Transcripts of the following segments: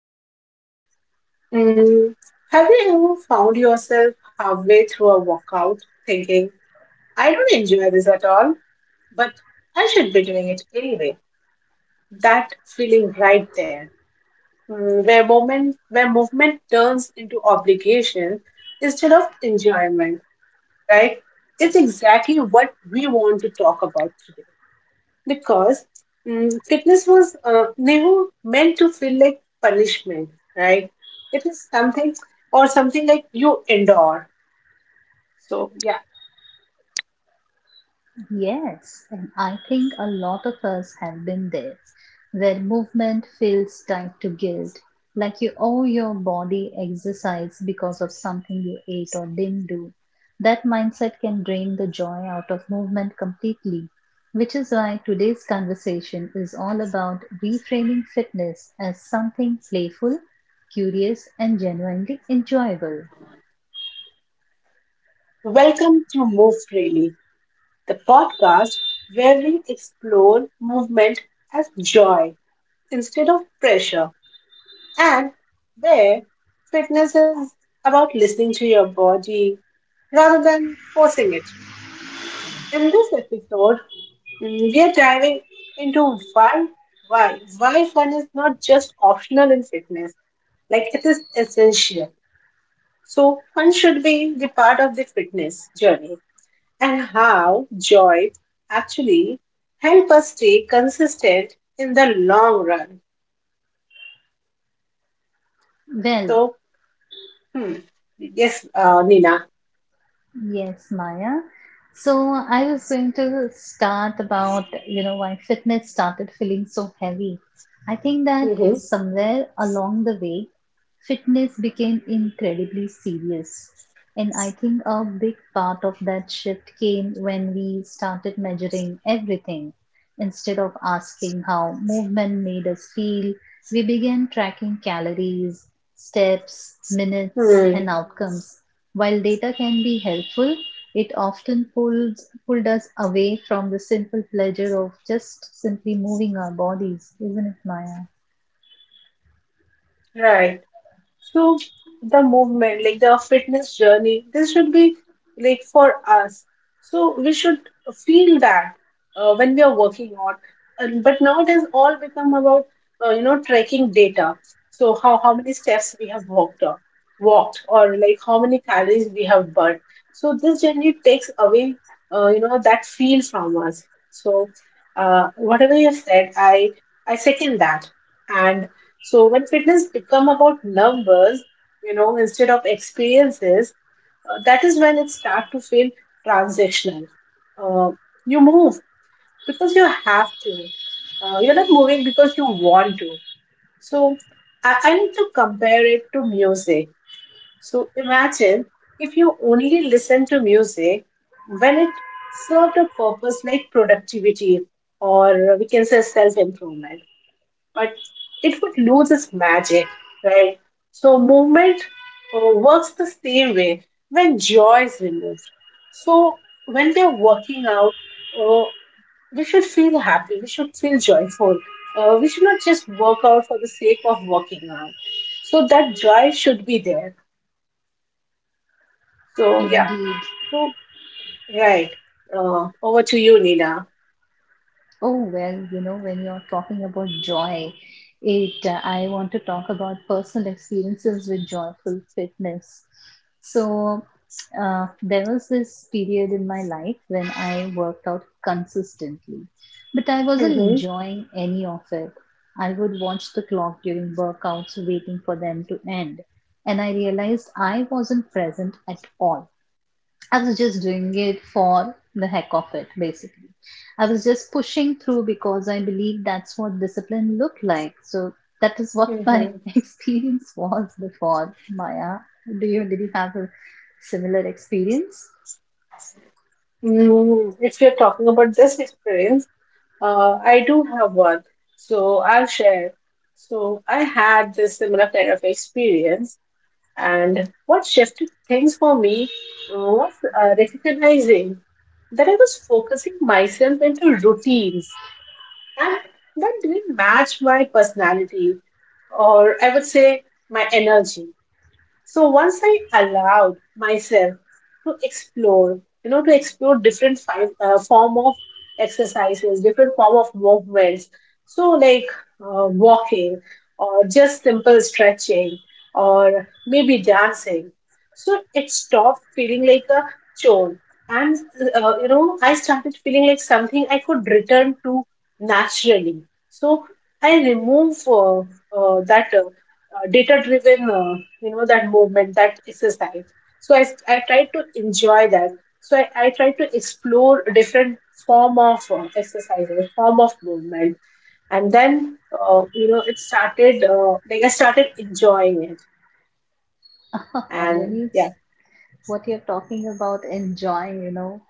honest. Mm, have you ever found yourself halfway through a workout thinking, I don't enjoy this at all, but I should be doing it anyway? That feeling right there, where movement turns into obligation instead of enjoyment, right? It's exactly what we want to talk about today, because fitness was never meant to feel like punishment, right? It is something like you endure. So, yeah, Yes, and I think a lot of us have been there, where movement feels tied to guilt, like you owe your body exercise because of something you ate or didn't do. That mindset can drain the joy out of movement completely, which is why today's conversation is all about reframing fitness as something playful, curious, and genuinely enjoyable. welcome to Move Freely, the podcast where we explore movement as joy instead of pressure, and where fitness is about listening to your body rather than forcing it. In this episode, we are diving into why why fun is not just optional in fitness, like it is essential. So fun should be the part of the fitness journey, and how joy actually help us stay consistent in the long run. Well, So hmm, yes, Nina. yes, Maya. So I was going to start about, you know, why fitness started feeling so heavy. I think that Mm-hmm. somewhere along the way, fitness became incredibly serious. And I think a big part of that shift came when we started measuring everything. Instead of asking how movement made us feel, we began tracking calories, steps, minutes, Hmm, and outcomes while data can be helpful, it often pulled us away from the simple pleasure of just simply moving our bodies, isn't it, Maya? right. So the movement, like the fitness journey, this should be like for us. So we should feel that when we are working out. And but now it has all become about tracking data. So how many steps we have or like how many calories we have burned. So this generally takes away that feel from us. So whatever you have said, I second that. And so when fitness become about numbers, instead of experiences, that is when it start to feel transactional. Uh, you move because you have to. You're not moving because you want to. So I need to compare it to music. So imagine if you only listen to music when it served a purpose like productivity, or we can say self improvement, but it would lose its magic, right? So movement works the same way when joy is removed. So when we are working out, uh, we should feel happy. We should feel joyful. We should not just work out for the sake of working out. So that joy should be there. So yeah. Indeed. So right. Over to you, Nina. Oh, well, you know, when you're talking about joy, it I want to talk about personal experiences with joyful fitness. So, there was this period in my life when I worked out consistently, but I wasn't Mm-hmm. enjoying any of it. I would watch the clock during workouts, waiting for them to end, and I realized I wasn't present at all. I was just doing it for the heck of it, basically. I was just pushing through because I believe that's what discipline looked like. So that is what my Mm-hmm. experience was before. Maya, do you did you have a similar experience? If you're talking about this experience, I do have one, so I'll share. So I had this similar kind of experience, and what shifted things for me was recognizing that I was focusing myself into routines, and that didn't match my personality, or I would say my energy. So once I allowed myself to explore, you know, to explore different form of exercises, different form of movements. So like walking, or just simple stretching, or maybe dancing. So it stopped feeling like a chore. And, I started feeling like something I could return to naturally. So I remove that data driven that movement, that exercise. So I tried to enjoy that. So I tried to explore different form of exercises, form of movement. And then it started, like I started enjoying it. When And it's yeah. what you're talking about, enjoying, you know,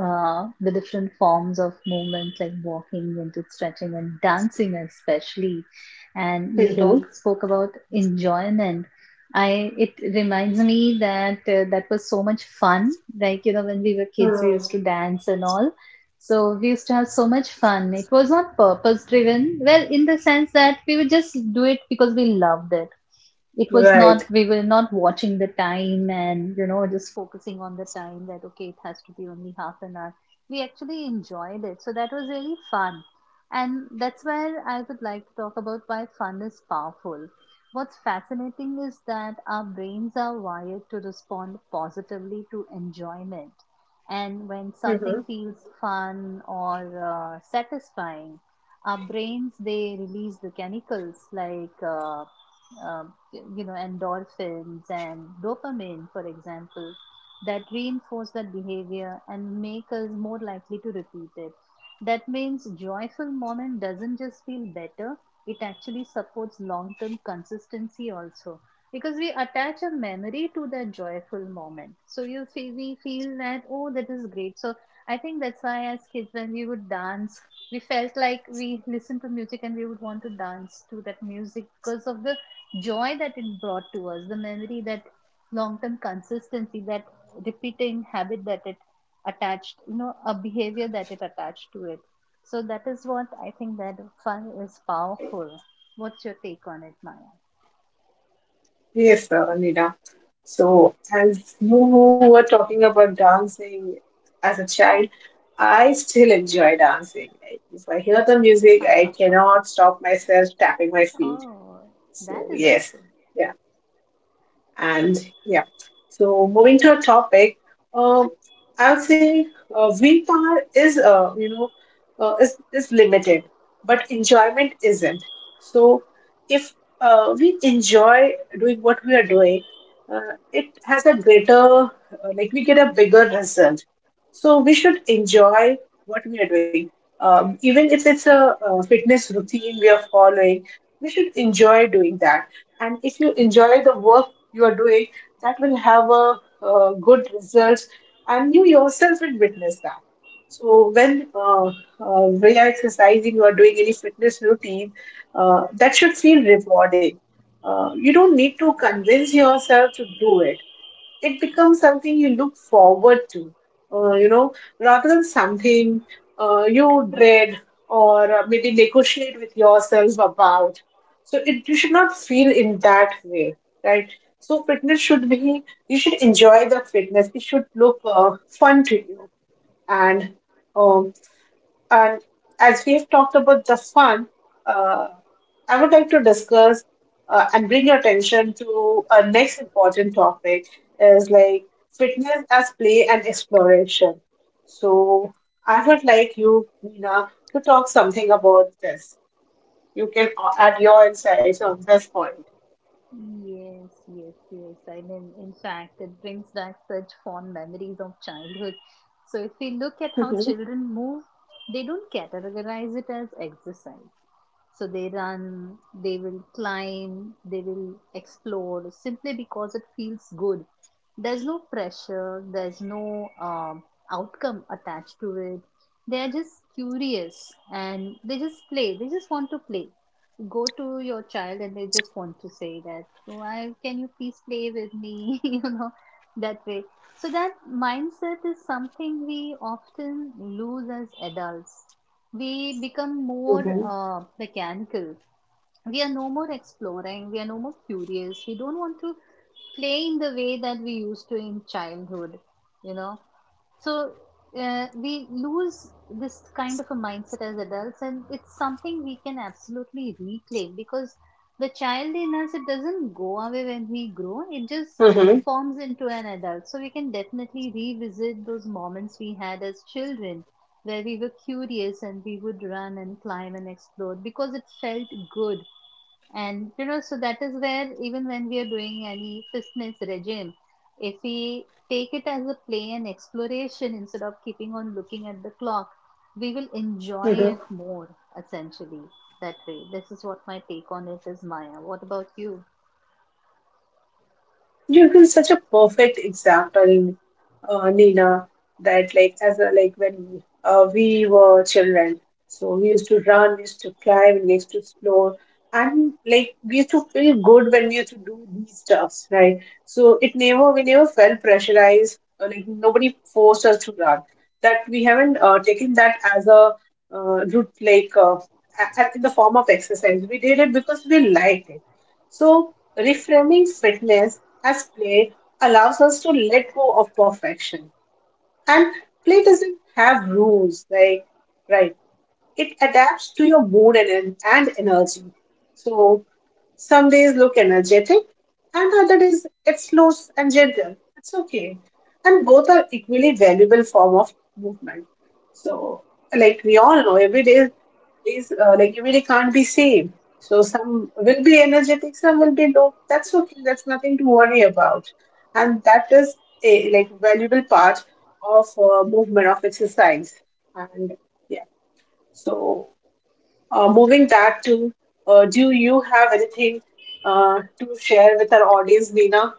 the different forms of movement like walking into stretching and dancing especially, and you Hmm. talk spoke about enjoyment. I it reminds me that that was so much fun. Like, you know, when we were kids, we used to dance and all, so we used to have so much fun. It was not purpose driven, well, in the sense that we would just do it because we loved it. It was Right. not, we were not watching the time and, you know, just focusing on the time that okay, it has to be only half an hour. We actually enjoyed it, so that was really fun. And that's where I would like to talk about why fun is powerful. What's fascinating is that our brains are wired to respond positively to enjoyment, and when something Hmm. feels fun or satisfying, our brains they release the chemicals like uh, you know, endorphins and dopamine, for example, that reinforce that behavior and make us more likely to repeat it. That means joyful moment doesn't just feel better, it actually supports long-term consistency also. Because we attach a memory to that joyful moment. So you feel, we feel that, oh, that is great. So I think that's why as kids, when we would dance, we felt like we listened to music and we would want to dance to that music because of the joy that it brought to us, the memory that long term consistency, that repeating habit that it attached, you know, a behavior that it attached to it. So that is what I think that fun is powerful. What's your take on it, Maya? Yes, Nina. So, as you were talking about dancing as a child, I still enjoy dancing. Like, if I hear the music, I cannot stop myself tapping my feet. Oh, that So, is yes, awesome. yeah. And yeah, so moving to a topic, um, I would say wind power is, is limited, but enjoyment isn't. So if we enjoy doing what we are doing, it has a greater, like we get a bigger result. So we should enjoy what we are doing. Even if it's a fitness routine we are following, we should enjoy doing that. And if you enjoy the work you are doing, that will have good results, and you yourself will witness that. So when we are exercising or doing any fitness routine, that should feel rewarding. You don't need to convince yourself to do it. It becomes something you look forward to, uh, you know, rather than something you dread, or maybe negotiate with yourself about. So it you should not feel in that way, right? So fitness should be, you should enjoy the fitness. It should look fun to you. And um and as we have talked about the fun, uh, I would like to discuss and bring your attention to a next important topic, is like fitness as play and exploration. So I would like you, Mina, to talk something about this. You can add your insights on this point. Yes, yes, yes. I mean, in fact, it brings back such fond memories of childhood. So, if we look at how Mm-hmm. children move, they don't categorize it as exercise. So they run, they will climb, they will explore simply because it feels good. There's no pressure, there's no outcome attached to it. They are just curious and they just play. They just want to play. Go to your child and they just want to say that why can you please play with me you know, that way. So that mindset is something we often lose as adults. We become more Mm-hmm. Mechanical. We are no more exploring, we are no more curious, we don't want to play in the way that we used to in childhood, you know. So we lose this kind of a mindset as adults, and it's something we can absolutely reclaim because the child in us it doesn't go away when we grow; it just Mm-hmm. Hmm. forms into an adult. So we can definitely revisit those moments we had as children, where we were curious and we would run and climb and explore because it felt good, and you know, so that is where even when we are doing any fitness regime, if we take it as a play and exploration instead of keeping on looking at the clock, we will enjoy Hmm. Hmm. it Hmm. more essentially that way. This is what my take on it is, Maya. What about you? You have been such a perfect example, Nina, that like as a like when we were children, so we used to run, we used to climb, we used to explore, and like we used to feel good when we used to do these stuffs, right? So it never, we never felt pressurized, or like nobody forced us to run. That we haven't taken that as a route, like in the form of exercise. We did it because we liked it. So reframing fitness as play allows us to let go of perfection. And play doesn't have rules, like, right, it adapts to your mood and energy. So some days look energetic, and other days it slows and gentle. It's okay. And both are equally valuable form of movement. So like we all know, every day is like every day can't be same. So some will be energetic, some will be low. That's okay. That's nothing to worry about. And that is a like valuable part of movement, of exercise. And so, moving back to, do you have anything to share with our audience, Nina?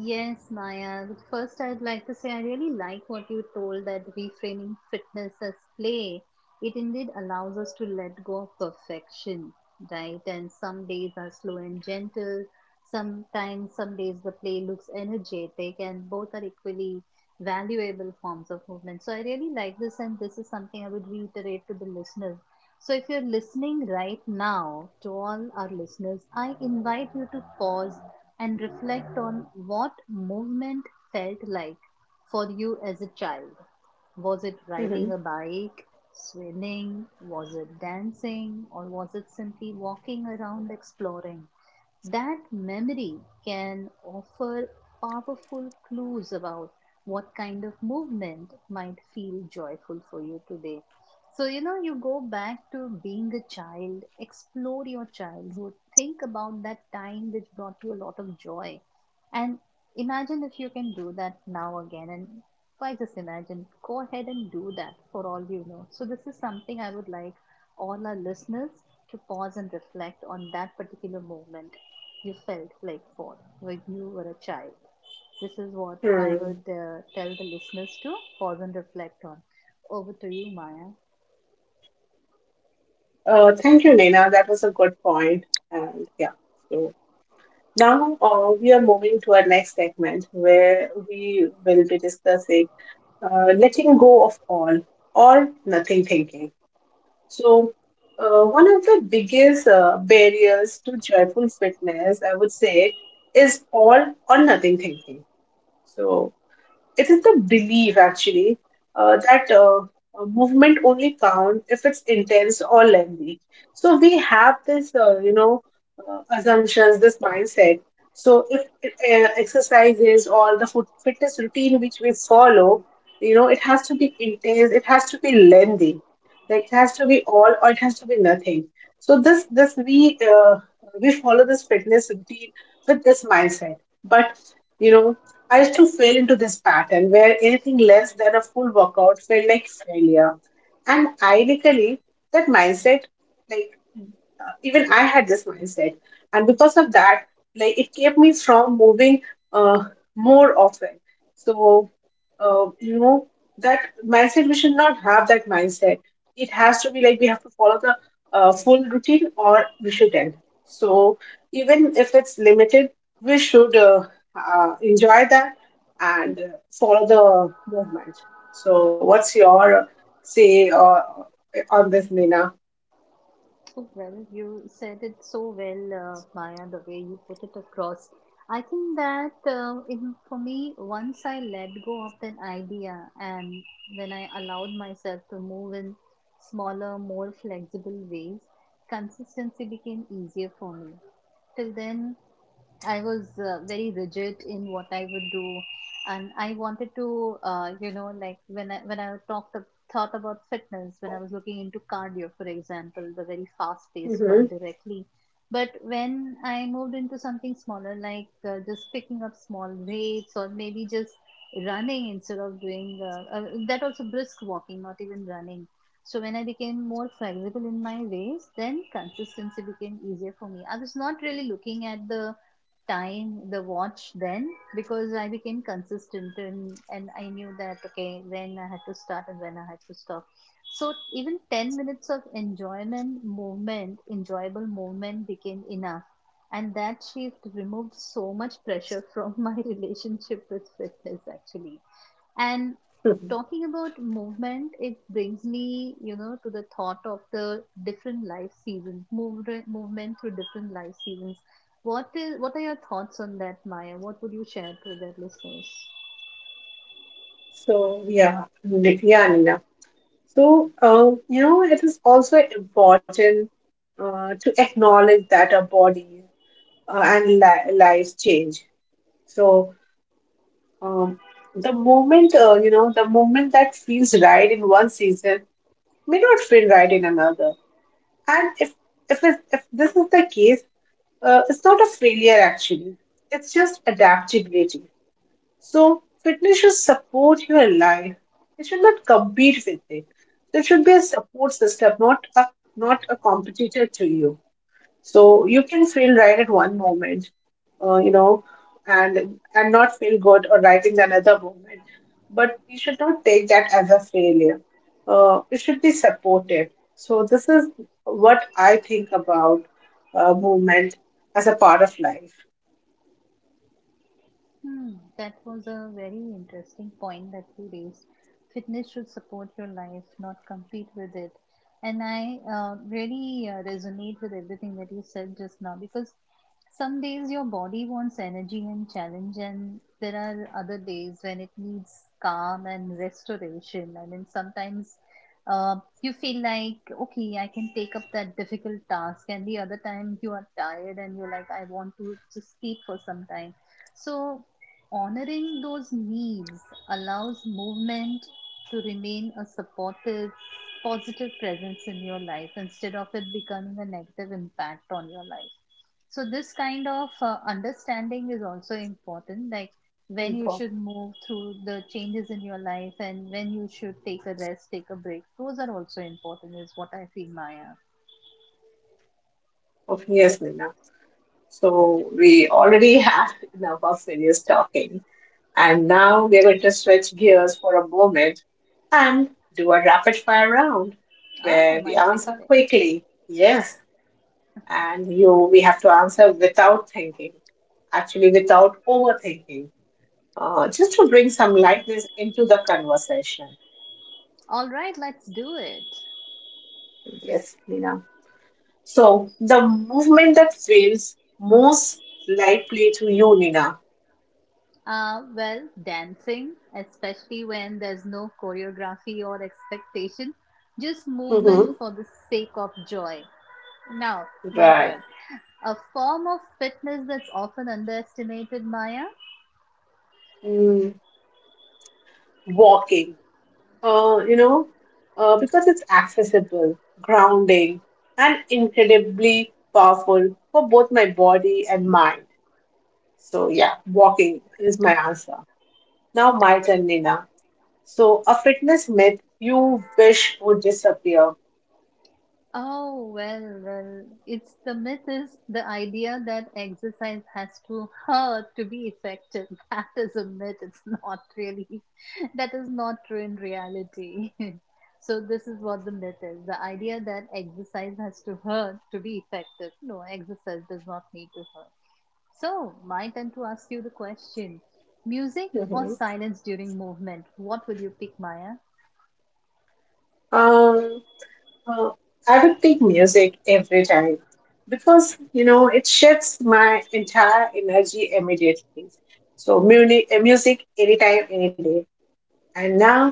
Yes, Maya. But first, I'd like to say I really like what you told that reframing fitness as play. It indeed allows us to let go of perfection, right? And some days are slow and gentle. Sometimes, some days the play looks energetic, and both are equally valuable forms of movement. So, I really like this, and this is something I would reiterate to the listeners. So, if you're listening right now to all our listeners, I invite you to pause and reflect on what movement felt like for you as a child. Was it Hmm. riding a bike, swimming, was it dancing, or was it simply walking around exploring? That memory can offer powerful clues about what kind of movement might feel joyful for you today. So, you know, you go back to being a child, explore your childhood, think about that time which brought you a lot of joy, and imagine if you can do that now again. And why just imagine? Go ahead and do that for all you know. So, this is something I would like all our listeners to pause and reflect on that particular moment you felt like for when you were a child. This is what I Hmm. would tell the listeners to pause and reflect on. Over to you, Maya. Thank you, Nina. That was a good point. And yeah, so now we are moving to our next segment, where we will be discussing letting go of all or nothing thinking. So, one of the biggest barriers to joyful fitness, I would say, is all or nothing thinking. So, it is the belief, actually, that movement only counts if it's intense or lengthy. So we have this, assumptions, this mindset. So if exercises or the foot fitness routine which we follow, you know, it has to be intense, it has to be lengthy, like it has to be all, or it has to be nothing. So this we follow this fitness routine with this mindset, but you know, I used to fall into this pattern where anything less than a full workout felt like failure. And ironically, that mindset, like even I had this mindset, and because of that, like it kept me from moving uh, more often. So, uh, you know, that mindset, we should not have that mindset. It has to be like, we have to follow the full routine, or we shouldn't. So, even if it's limited, we should enjoy that and follow the movement. So, what's your say on this, Nina? So well, you said it so well, Maya, the way you put it across. I think that for me, once I let go of that idea and when I allowed myself to move in smaller, more flexible ways, consistency became easier for me. Till then, I was very rigid in what I would do, and I wanted to, you know, like when I thought about fitness, when I was looking into cardio, for example, the very fast-paced one Hmm. directly. But when I moved into something smaller, like just picking up small weights or maybe just running instead of doing that also brisk walking, not even running. So when I became more flexible in my ways, then consistency became easier for me. I was not really looking at the tying the watch then because I became consistent and I knew that okay when I had to start and when I had to stop. So even 10 minutes of enjoyment movement, enjoyable movement became enough. And that shift removed so much pressure from my relationship with fitness actually. And talking about movement, it brings me, you know, to the thought of the different life seasons, movement through different life seasons. What is, what are your thoughts on that, Maya? What would you share to the listeners? So yeah, Nina. So you know, it is also important to acknowledge that our bodies and lives change. So um, the moment that feels right in one season may not feel right in another. And if this is the case, it's not a failure actually. It's just adaptability. So, fitness should support your life. It should not compete with it. So, it should be a support system, not a competitor to you. So you can feel right at one moment, uh, you know, and not feel good or right in another moment. But you should not take that as a failure. It should be supported. So this is what I think about movement as a part of life. Hmm, that was a very interesting point that you raised. Fitness should support your life, not compete with it. And I really resonate with everything that you said just now because some days your body wants energy and challenge, and there are other days when it needs calm and restoration. I mean, sometimes uh, you feel like okay I can take up that difficult task, and the other time you are tired and you're like I want to just sleep for some time. So honoring those needs allows movement to remain a supportive positive presence in your life instead of it becoming a negative impact on your life. So this kind of understanding is also important, like when you Info. should move through the changes in your life and when you should take a rest, take a break. Those are also important, is what I feel, Maya. Yes, Nina. So we already had enough of serious talking. And now we're going to switch gears for a moment and do a rapid fire round, Oh, where my we answer favorite. quickly, yes, and you we have to answer without thinking, actually without overthinking, just to bring some lightness into the conversation. All right, let's do it. Yes, Nina. So the movement that feels most likely to you, Nina. Well, dancing, especially when there's no choreography or expectation, just movement Hmm. for the sake of joy. Now, my turn. Right. A form of fitness that's often underestimated, Maya. Walking, uh, you know, because it's accessible, grounding, and incredibly powerful for both my body and mind. So, yeah, walking is my answer. Now, my turn, Nina. So, a fitness myth you wish would disappear. Oh, well, well, it's the myth is the idea that exercise has to hurt to be effective. That is a myth. It's not really, that is not true in reality. So this is what the myth is. The idea that exercise has to hurt to be effective. No, exercise does not need to hurt. So my turn to ask you the question. Music or Mhm. silence during movement? What will you pick, Maya? Um, uh, I would pick music every time because, you know, it shifts my entire energy immediately. So, music, music anytime, any day. And now,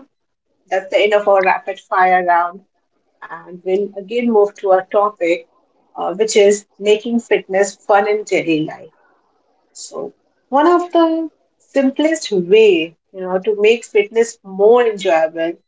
that's the end of our rapid fire round. And we'll again move to our topic, which is making fitness fun in daily life. So, one of the simplest way, you know, to make fitness more enjoyable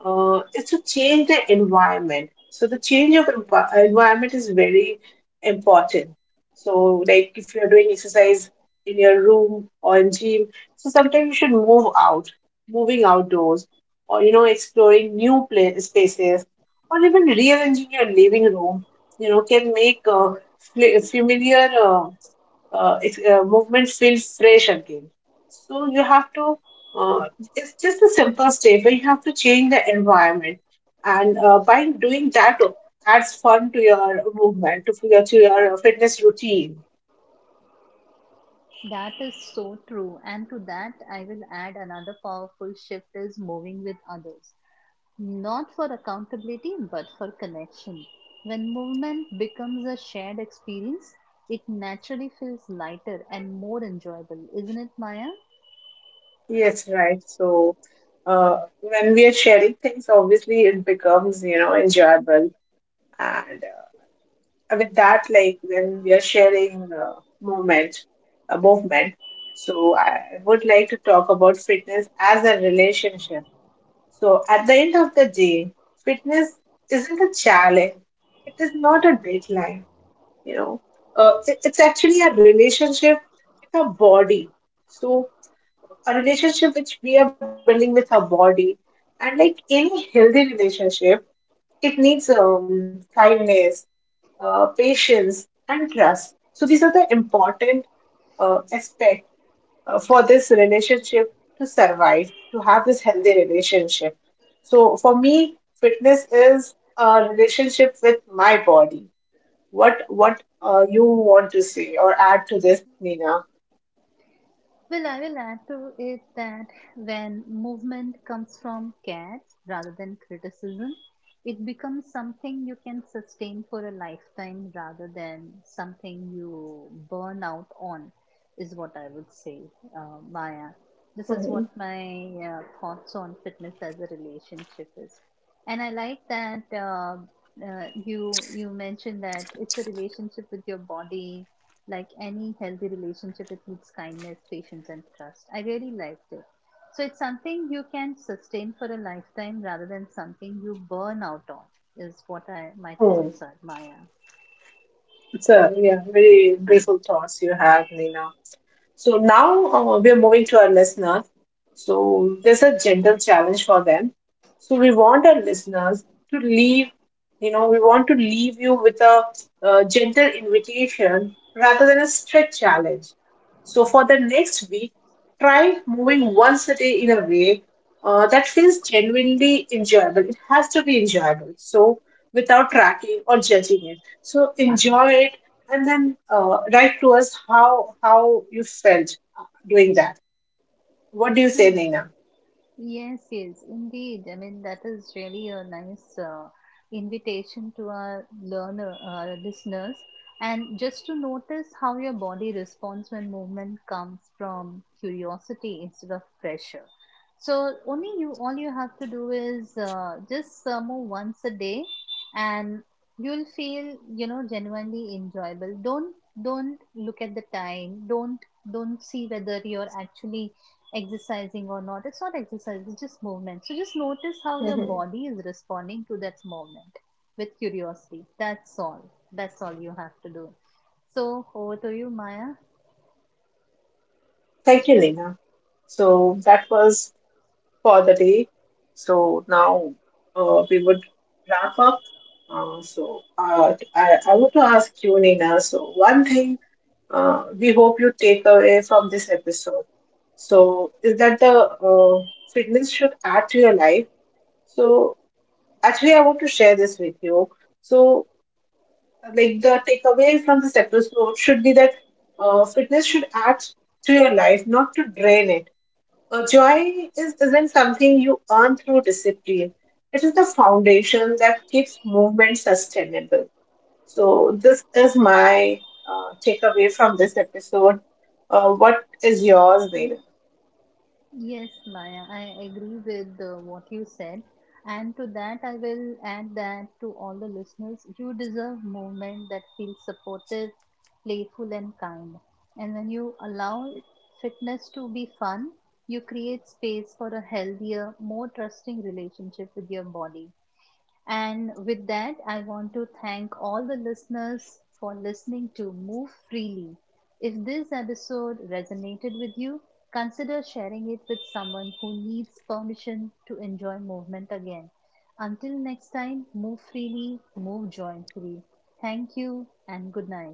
is to change the environment. So the change of environment is very important. So like if you're doing exercise in your room or in gym, so sometimes you should move out, moving outdoors, or you know exploring new pla spaces, or even rearranging your living room. You know, can make familiar. Movement feels fresh again. So you have to, uh, it's just a simple step, but you have to change the environment. And by doing that, adds fun to your movement, to to your fitness routine. That is so true. And to that, I will add another powerful shift is moving with others, not for accountability, but for connection. When movement becomes a shared experience, it naturally feels lighter and more enjoyable, isn't it, Maya? Yes, right. So when we are sharing things, obviously it becomes, you know, enjoyable. And with that, like when we are sharing movement, movement. So I would like to talk about fitness as a relationship. So at the end of the day, fitness isn't a challenge. It is not a deadline. You know, it's actually a relationship with our body. So a relationship which we are building with our body, and like any healthy relationship, it needs kindness, patience, and trust. So these are the important aspects for this relationship to survive, to have this healthy relationship. So for me, fitness is a relationship with my body. What you want to say or add to this, Nina? Well, I will add to it that when movement comes from care rather than criticism, it becomes something you can sustain for a lifetime rather than something you burn out on, is what I would say, Maya. This is what Hmm. my thoughts on fitness as a relationship is. And I like that you mentioned that it's a relationship with your body, like any healthy relationship, it needs kindness, patience, and trust. I really liked it. So it's something you can sustain for a lifetime rather than something you burn out on, is what I my Hmm. thoughts are, Maya. It's a, yeah, very beautiful thoughts you have, Nina. So now we are moving to our listeners. So there's a gentle challenge for them. So we want our listeners to leave, you know, we want to leave you with a gentle invitation rather than a strict challenge. So for the next week, try moving one city in a way that feels genuinely enjoyable. It has to be enjoyable. So without tracking or judging it. So enjoy it and then write to us how you felt doing that. What do you say, Hmm. Nina? Yes, yes, indeed. I mean, that is really a nice invitation to our learner, our listeners, and just to notice how your body responds when movement comes from curiosity instead of pressure. So only you, all you have to do is just move once a day, and you'll feel, you know, genuinely enjoyable. Don't look at the time. Don't see whether you're actually exercising or not. It's not exercise, it's just movement. So just notice how your Mhm. body is responding to that movement with curiosity. That's all. That's all you have to do. So over to you, Maya. Thank you, Nina. So that was for the day. So now we would wrap up. I want to ask you, Nina. So one thing we hope you take away from this episode. So is that the fitness should add to your life. So actually, I want to share this with you. So like the takeaway from this episode should be that fitness should add to your life, not to drain it. Joy isn't something you earn through discipline. It is the foundation that keeps movement sustainable. So this is my takeaway from this episode. What is yours, Neil? Yes, Maya, I agree with what you said. And to that, I will add that to all the listeners, you deserve movement that feels supportive, playful, and kind. And when you allow fitness to be fun, you create space for a healthier, more trusting relationship with your body. And with that, I want to thank all the listeners for listening to Move Freely. If this episode resonated with you, consider sharing it with someone who needs permission to enjoy movement again. Until next time, move freely, move joyfully. Thank you and good night.